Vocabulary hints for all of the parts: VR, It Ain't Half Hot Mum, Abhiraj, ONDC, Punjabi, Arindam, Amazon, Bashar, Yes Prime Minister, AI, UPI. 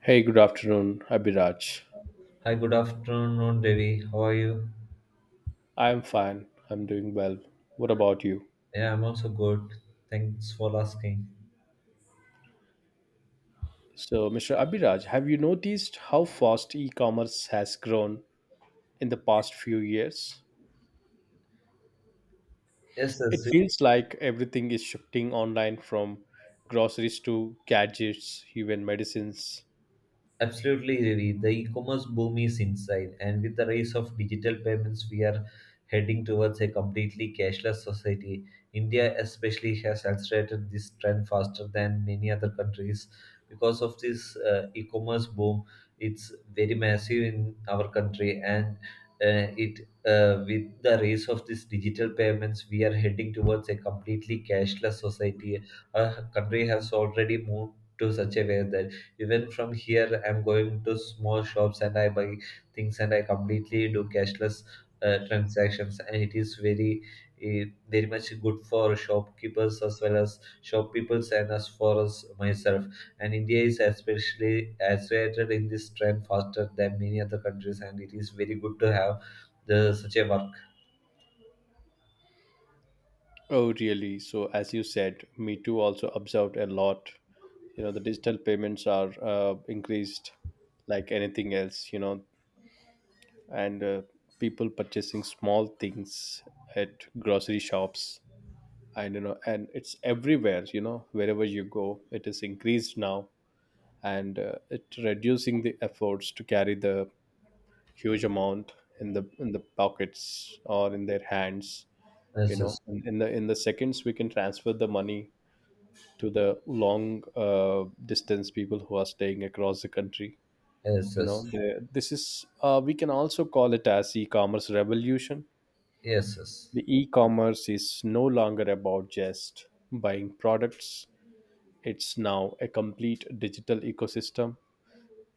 Hey, good afternoon, Abhiraj. Hi, good afternoon, Devi. How are you? I'm fine. I'm doing well. What about you? Yeah, I'm also good. Thanks for asking. So, Mr. Abhiraj, have you noticed how fast e commerce has grown in the past few years? Yes, It yes. feels like everything is shifting online from groceries to gadgets, even medicines. Absolutely, Ravi. The e-commerce boom is inside, and with the rise of digital payments, we are heading towards a completely cashless society. India, especially, has accelerated this trend faster than many other countries. Because of this e-commerce boom, it's very massive in our country, and it with the rise of this digital payments, we are heading towards a completely cashless society. Our country has already moved to such a way that even from here, I'm going to small shops and I buy things and I completely do cashless transactions. And it is very much good for shopkeepers as well as shop peoples and as for us myself. And India is especially accelerated in this trend faster than many other countries, and it is very good to have the such a work. Oh, really? So, as you said, Me Too also observed a lot. You know, the digital payments are increased like anything else. You know, and People purchasing small things at grocery shops, and you know, and it's everywhere, you know, wherever you go it is increased now, and it reducing the efforts to carry the huge amount in the pockets or in their hands, you Yes, yes, know. In the seconds we can transfer the money to the long distance people who are staying across the country, yes, you know. yes, The this is we can also call it as e-commerce revolution. yes, yes. The e-commerce is no longer about just buying products. It's now a complete digital ecosystem.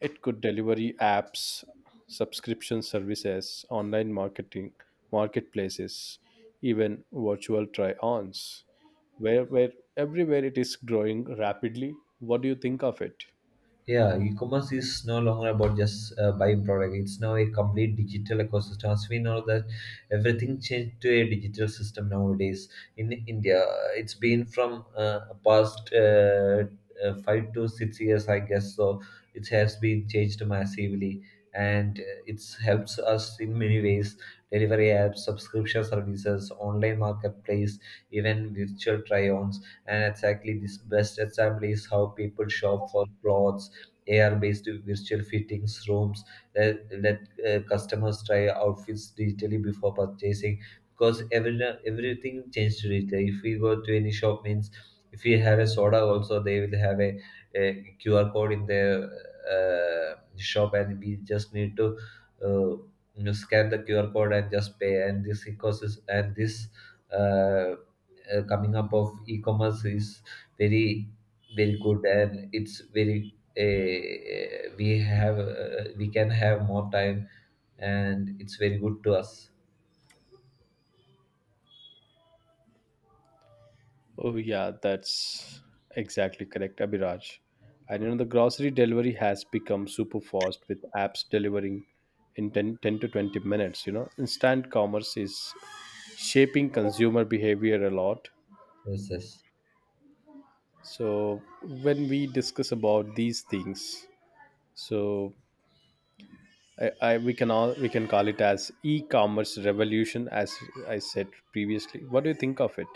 It could delivery apps, subscription services, online marketing, marketplaces, even virtual try-ons. Where everywhere it is growing rapidly. What do you think of it? Yeah, e-commerce is no longer about just buying product. It's now a complete digital ecosystem. As we know that everything changed to a digital system nowadays. In India, it's been from past 5 to 6 years, I guess. So it has been changed massively, and it helps us in many ways. Delivery apps, subscription services, online marketplace, even virtual try-ons. And exactly this best example is how people shop for clothes, AR-based virtual fittings rooms that let customers try outfits digitally before purchasing. Because everything changed digitally. If we go to any shop, means if we have a soda, also they will have a QR code in their shop, and we just need to uh, scan the QR code and just pay. And this ecosystem and this uh, coming up of e-commerce is very very good, and it's very. We have we can have more time, and it's very good to us. Oh, yeah, that's exactly correct, Abhiraj. And you know, the grocery delivery has become super fast with apps delivering in 10 to 20 minutes. You know, instant commerce is shaping consumer behavior a lot. Yes, yes. So, when we discuss about these things, so I we can all we can call it as e-commerce revolution, as I said previously. What do you think of it?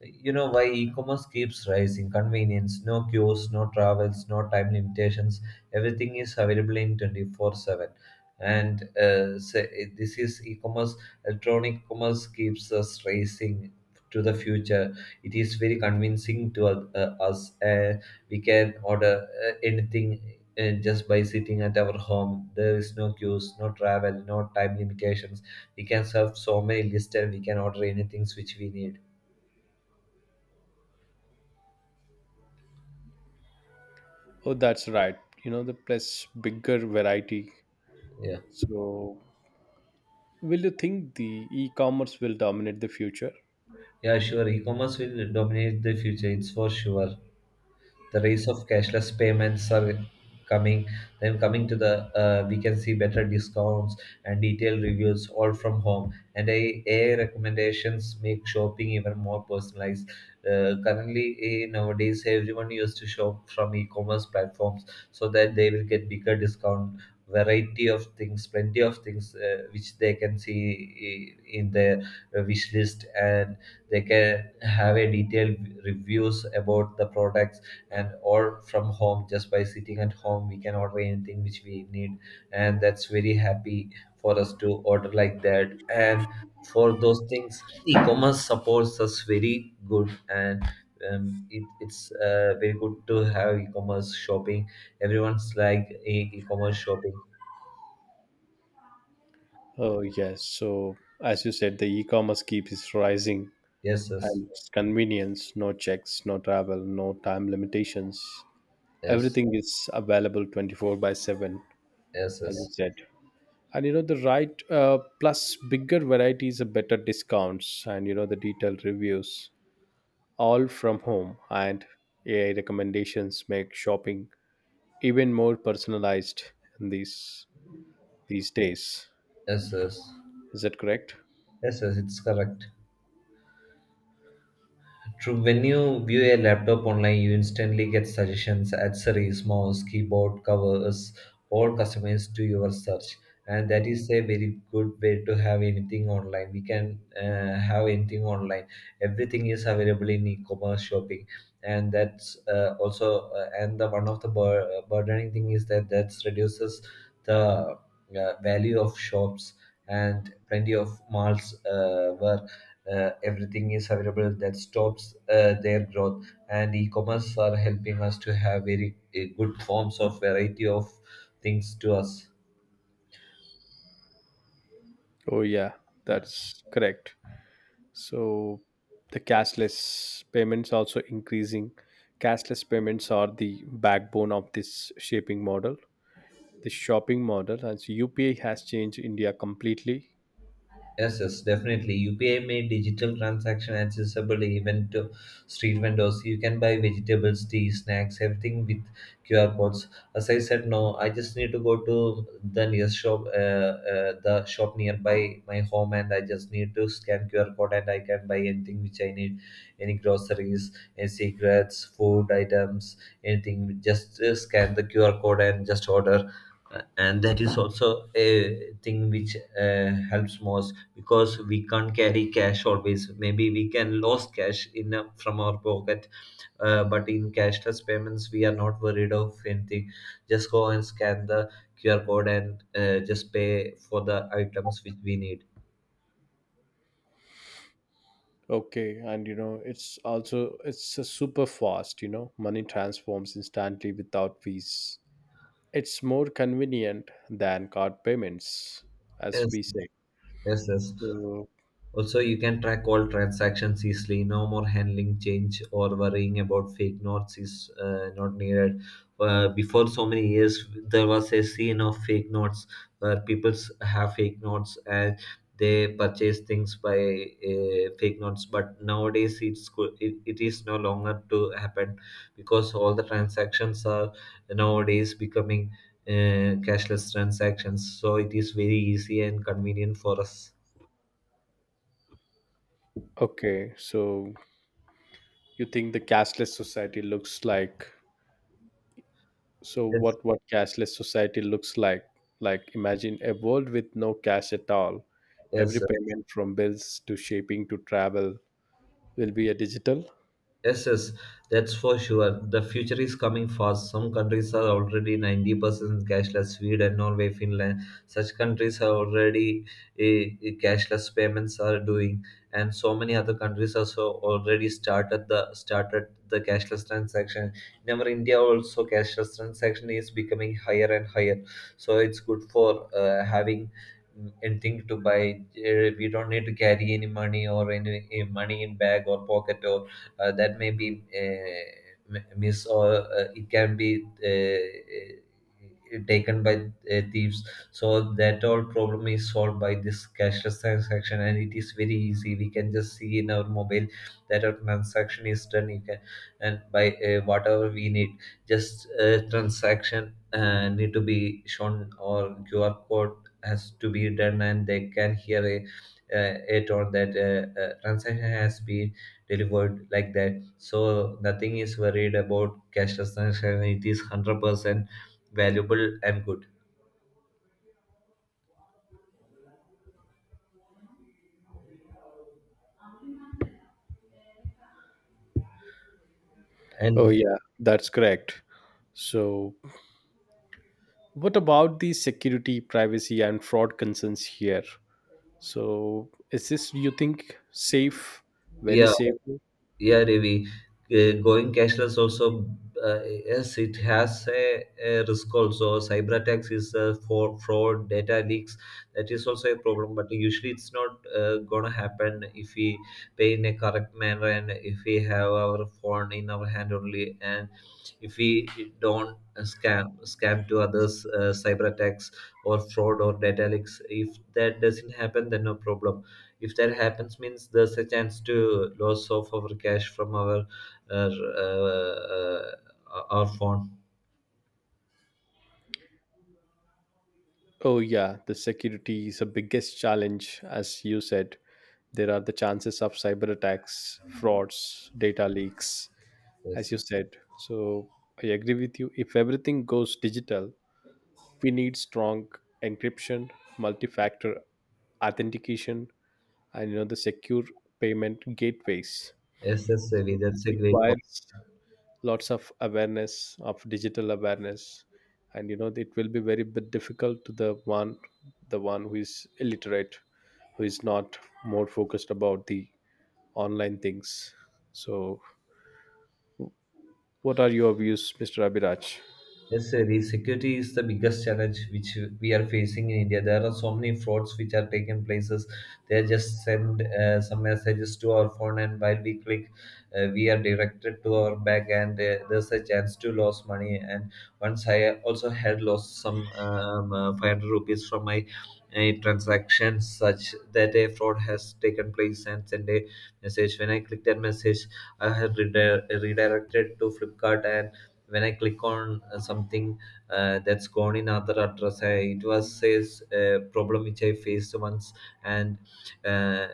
You know why e-commerce keeps rising? Convenience, no queues, no travels, no time limitations. Everything is available in 24/7, and this is e-commerce. Electronic commerce keeps us racing to the future. It is very convincing to us. We can order anything just by sitting at our home. There is no queues, no travel, no time limitations. We can serve so many lists and we can order anything which we need. Oh, that's right. You know, the plus bigger variety, Yeah. so will you think the e-commerce will dominate the future? Yeah, sure. E-commerce will dominate the future. It's for sure the rise of cashless payments are coming. Then coming to the we can see better discounts and detailed reviews all from home. And AI recommendations make shopping even more personalized. Nowadays everyone used to shop from e-commerce platforms so that they will get bigger discount, variety of things, plenty of things which they can see in their wish list, and they can have a detailed reviews about the products. And or from home, just by sitting at home, we can order anything which we need, and that's very happy for us to order like that. And for those things, e-commerce supports us very good, and it's very good to have e-commerce shopping. Everyone's like e-commerce shopping. Oh, yes. So as you said, the e-commerce keeps rising, Yes, yes, and it's convenience, no checks, no travel, no time limitations. yes, Everything is available 24 by seven, yes, yes, as you yes, said. And you know the right plus bigger varieties, a better discounts, and you know the detailed reviews, all from home, and AI recommendations make shopping even more personalized in these days. yes, yes. Is that correct? Yes, it's correct. True, when you view a laptop online, you instantly get suggestions, accessories, mouse, keyboard, covers, all customized to your search. And that is a very good way to have anything online. We can have anything online. Everything is available in e-commerce shopping, and that's also and the one of the burdening thing is that that reduces the value of shops and plenty of malls work. Everything is available that stops their growth, and e-commerce are helping us to have very good forms of variety of things to us. Oh, yeah, that's correct. So the cashless payments also increasing. Cashless payments are the backbone of the shopping model, and so UPI has changed India completely. Yes, yes, definitely. UPI made digital transaction accessible even to street vendors. You can buy vegetables, tea, snacks, everything with QR codes. As I said, no, I just need to go to the nearest shop, the shop nearby my home, and I just need to scan QR code, and I can buy anything which I need, any groceries, any cigarettes, food items, anything. Just scan the QR code and just order. And that is also a thing which helps most, because we can't carry cash always. Maybe we can lose cash in a, from our pocket, but in cashless payments, we are not worried of anything. Just go and scan the QR code and just pay for the items which we need. Okay, and it's a super fast. You know, money transforms instantly without fees. It's more convenient than card payments, as Yes, we say. yes, yes. So Also, you can track all transactions easily. No more handling change or worrying about fake notes is not needed. Before so many years, there was a scene of fake notes where people have fake notes and they purchase things by fake notes. But nowadays, it is no longer to happen, because all the transactions are nowadays becoming cashless transactions. So it is very easy and convenient for us. okay, so you think the cashless society looks like, so Yes. what what cashless society looks like imagine a world with no cash at all. Every Yes. payment from bills to shipping to travel will be a digital. Yes, yes, that's for sure. The future is coming fast. Some countries are already 90% cashless. Sweden, Norway, Finland, such countries are already cashless payments are doing, and so many other countries also already started the cashless transaction. In our India also, cashless transaction is becoming higher and higher. So it's good for having anything to buy. We don't need to carry any money or any money in bag or pocket that may be missed, or it can be taken by thieves. So that all problem is solved by this cashless transaction, and it is very easy. We can just see in our mobile that our transaction is done, you can, and by whatever we need, just transaction need to be shown, or QR code has to be done, and they can hear a it, or that transaction has been delivered, like that. So nothing is worried about cashlessness, and it is 100% valuable and good. Oh And yeah, that's correct. So what about the security, privacy, and fraud concerns here? So is this you think safe, very yeah. safe? Yeah, Ravi, going cashless also, yes, it has a risk also. Cyber attacks is for fraud, data leaks. That is also a problem, but usually it's not gonna happen if we pay in a correct manner and if we have our phone in our hand only, and if we don't scam to others cyber attacks or fraud or data leaks. If that doesn't happen, then no problem. If that happens means there's a chance to loss of our cash from our phone. Oh yeah, the security is the biggest challenge, as you said. There are the chances of cyber attacks, frauds, data leaks, as Yes, you yes. said. So I agree with you. If everything goes digital, we need strong encryption, multi-factor authentication, and you know the secure payment gateways. Yes, yes, Ravi, So that's it a great point. requires lots of awareness of digital awareness, and you know it will be very bit difficult to the one who is illiterate, who is not more focused about the online things. So, what are your views, Mr. Abhiraj? Yes, Siri, security is the biggest challenge which we are facing in India. There are so many frauds which are taking places. They just send some messages to our phone, and while we click, we are directed to our bank, and there's a chance to lose money. And once I also had lost some 500 rupees from my transaction, such that a fraud has taken place and sent a message. When I clicked that message, I had redirected to Flipkart, and when I click on something that's gone in other address, I, it was says a problem which I faced once, and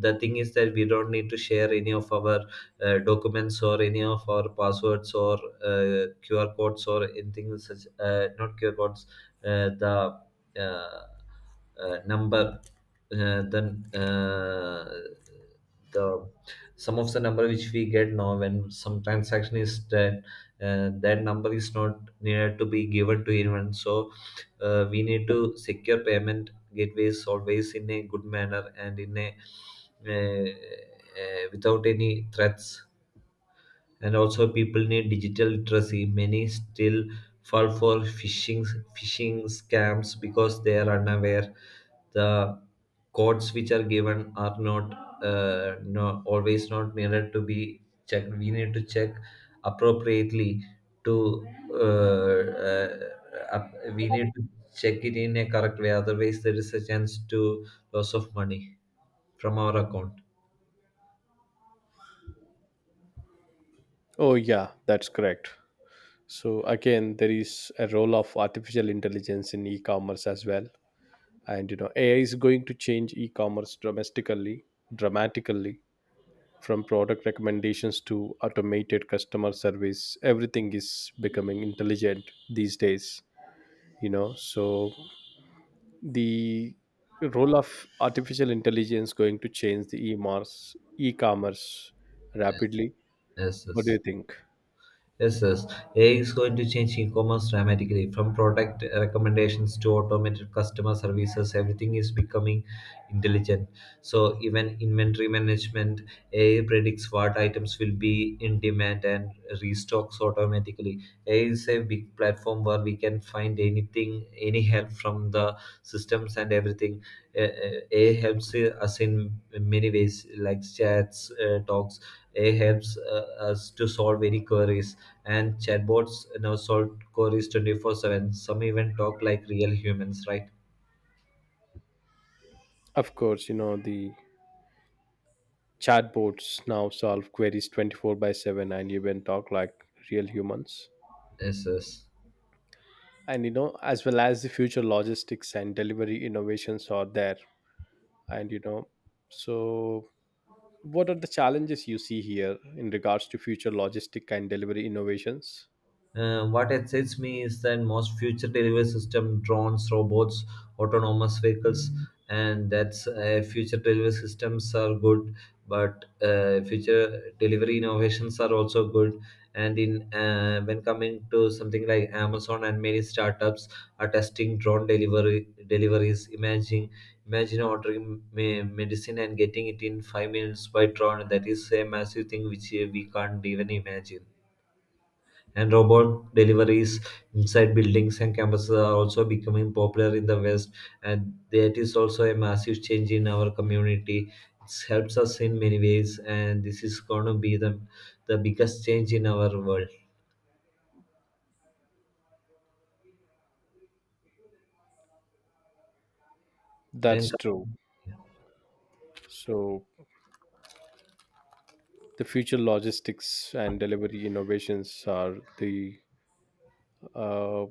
the thing is that we don't need to share any of our documents or any of our passwords or QR codes or anything such. Not QR codes, the uh, number uh, then uh, the some of the number which we get now when some transaction is done, that number is not needed to be given to anyone. So we need to secure payment gateways always in a good manner and in a uh, without any threats. And also, people need digital literacy. Many still fall for phishing scams because they are unaware. The codes which are given are not no, always not needed to be checked. We need to check appropriately to uh, we need to check it in a correct way. Otherwise, there is a chance to loss of money from our account. Oh, yeah, that's correct. So, again, there is a role of artificial intelligence in e commerce as well. And, you know, AI is going to change e commerce domestically, dramatically, from product recommendations to automated customer service. Everything is becoming intelligent these days, you know. So, the role of artificial intelligence going to change the e-mars e-commerce rapidly. Yes, What do you yes. think? Yes, yes. AI is going to change e-commerce dramatically. From product recommendations to automated customer services, everything is becoming intelligent. So even inventory management, AI predicts what items will be in demand and restocks automatically. AI is a big platform where we can find anything, any help from the systems, and everything. A helps us in many ways, like talks. A helps us to solve any queries, and chatbots now solve queries 24/7. Some even talk like real humans, right? Of course, you know the chatbots now solve queries 24 by 7 and even talk like real humans. Yes, yes. And you know, as well as the future logistics and delivery innovations are there. And you know, so what are the challenges you see here in regards to future logistic and delivery innovations? What excites me is that most future delivery system, drones, robots, autonomous vehicles, and that's future delivery systems are good, but future delivery innovations are also good. And in when coming to something like Amazon and many startups are testing drone delivery deliveries. Imagine ordering medicine and getting it in 5 minutes by drone. That is a massive thing which we can't even imagine. And robot deliveries inside buildings and campuses are also becoming popular in the west, and that is also a massive change in our community. It helps us in many ways, and this is going to be the biggest change in our world. Then That's true. So the future logistics and delivery innovations are the uh,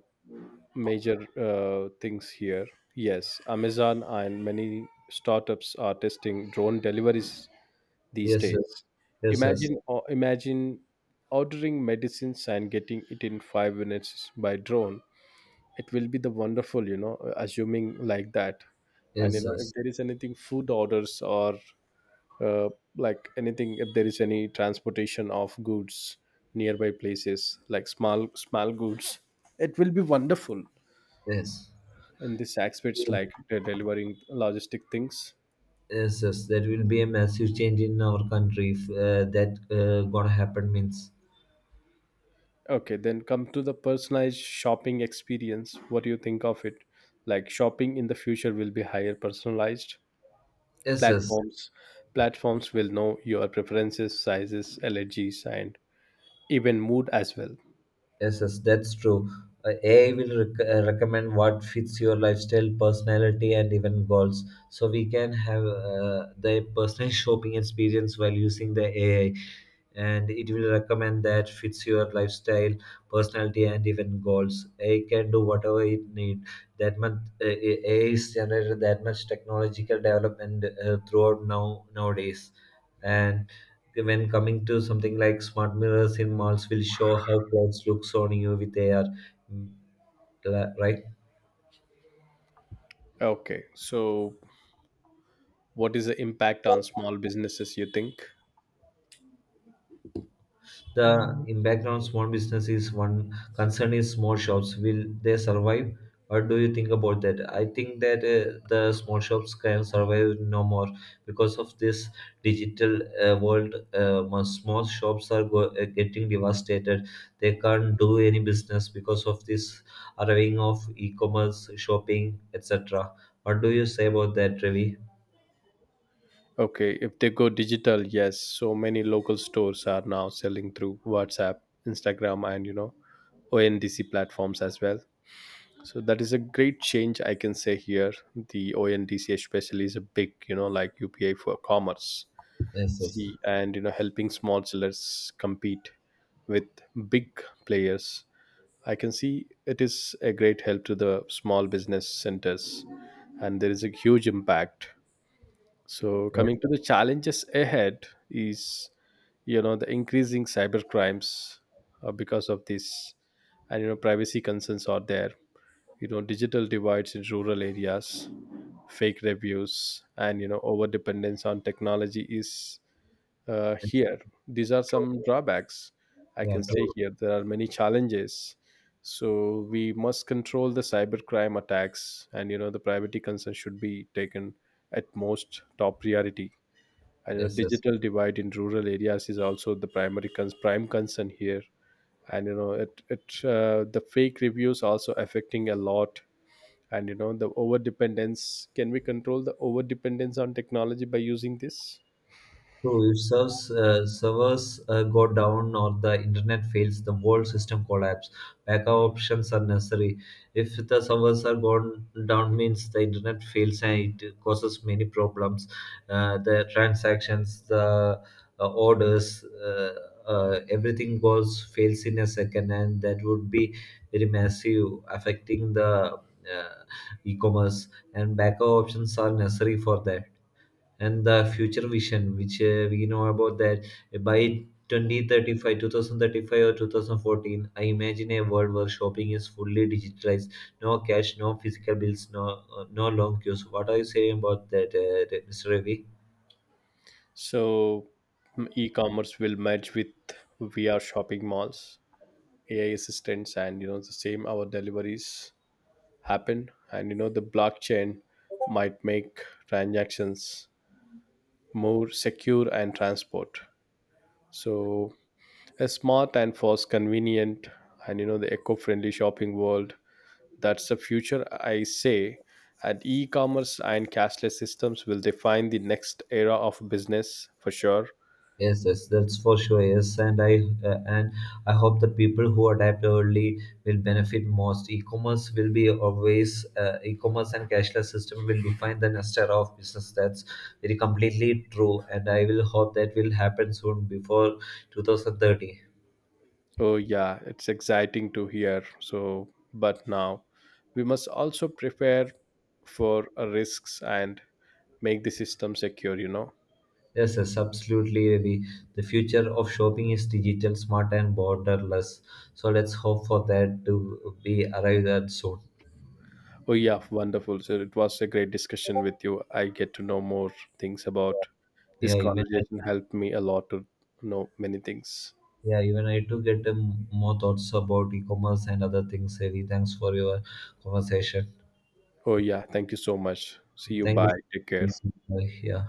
major things here. Yes, Amazon and many startups are testing drone deliveries these yes, yes yes days. yes yes Imagine ordering medicines and getting it in 5 minutes by drone. It will be the wonderful, you know, assuming like that. And you know, if yes, there is anything food orders or uh, like anything, if there is any transportation of goods nearby places like small small goods, it will be wonderful yes. in this aspects like delivering logistic things. Yes, yes, that will be a massive change in our country if that gonna happen means. Okay, then come to the personalized shopping experience. What do you think of it? Like shopping in the future will be higher personalized. Yes, yes. Platforms platforms will know your preferences, sizes, allergies, and even mood as well. Yes, yes, that's true. AI will recommend what fits your lifestyle, personality, and even goals. So we can have the personal shopping experience while using the AI, and it will recommend that fits your lifestyle, personality, and even goals. AI can do whatever it need. That much AI is generated that much technological development throughout now nowadays, and when coming to something like smart mirrors in malls will show how clothes looks on you with AR, mm, right? Okay, so what is the impact on small businesses, you think? The in background small business is one concern is small shops. Will they survive? What do you think about that? I think that the small shops can survive no more because of this digital world. Small shops are getting devastated. They can't do any business because of this arriving of e-commerce, shopping, etc. What do you say about that, Ravi? Okay, if they go digital, yes, so many local stores are now selling through WhatsApp, Instagram, and you know, ONDC platforms as well. So that is a great change, I can say here. The ONDC especially is a big, you know, like UPA for commerce, Yes, yes, see, and you know, helping small sellers compete with big players. I can see it is a great help to the small business centers, and there is a huge impact. So, yes, coming to the challenges ahead is, you know, the increasing cyber crimes because of this, and you know, privacy concerns are there. You know, digital divides in rural areas, fake reviews, and you know, over dependence on technology is yes, here. These are true. some drawbacks I Yeah, can say true. here. There are many challenges. So we must control the cybercrime attacks, and you know the privacy concern should be taken at most top priority. And you know, Yes, yes. digital divide in rural areas is also the prime concern here. And you know, it the fake reviews also affecting a lot. And you know, the over dependence. Can we control the over dependence on technology by using this? True, if serves, servers go down or the internet fails, the whole system collapse. Backup options are necessary. If the servers are gone down, means the internet fails and it causes many problems. The transactions, the orders, everything goes fails in a second, and that would be very massive, affecting the uh, e-commerce. And backup options are necessary for that, and the future vision which we know about that by 2035, 2035 or 2014, I imagine a world where shopping is fully digitalized. No cash, no physical bills, no long queues. What are you saying about that, Mr. Ravi? So e e-commerce will merge with VR shopping malls, AI assistants, and you know the same our deliveries happen. And you know the blockchain might make transactions more secure and transport. So a smart and fast, convenient, and you know the eco-friendly shopping world. That's the future, I say. And e-commerce and cashless systems will define the next era of business for sure. Yes, yes, that's for sure. Yes, and uh, and I hope the people who adapt early will benefit most. E-commerce will be always e-commerce and cashless system will define the next era of business. That's very completely true, and I will hope that will happen soon before 2030. Oh, yeah, it's exciting to hear. So, but now we must also prepare for risks and make the system secure, you know. Yes, yes, absolutely, Ravi. The future of shopping is digital, smart, and borderless. So let's hope for that to be arrived at soon. Oh, yeah, wonderful. So, it was a great discussion with you. I get to know more things about Yeah, this even. conversation, helped me a lot to know many things. Yeah, even I too get more thoughts about e-commerce and other things, Heavy. Thanks for your conversation. Oh, yeah, thank you so much. See you. Thank Bye. Take you. care. Yeah.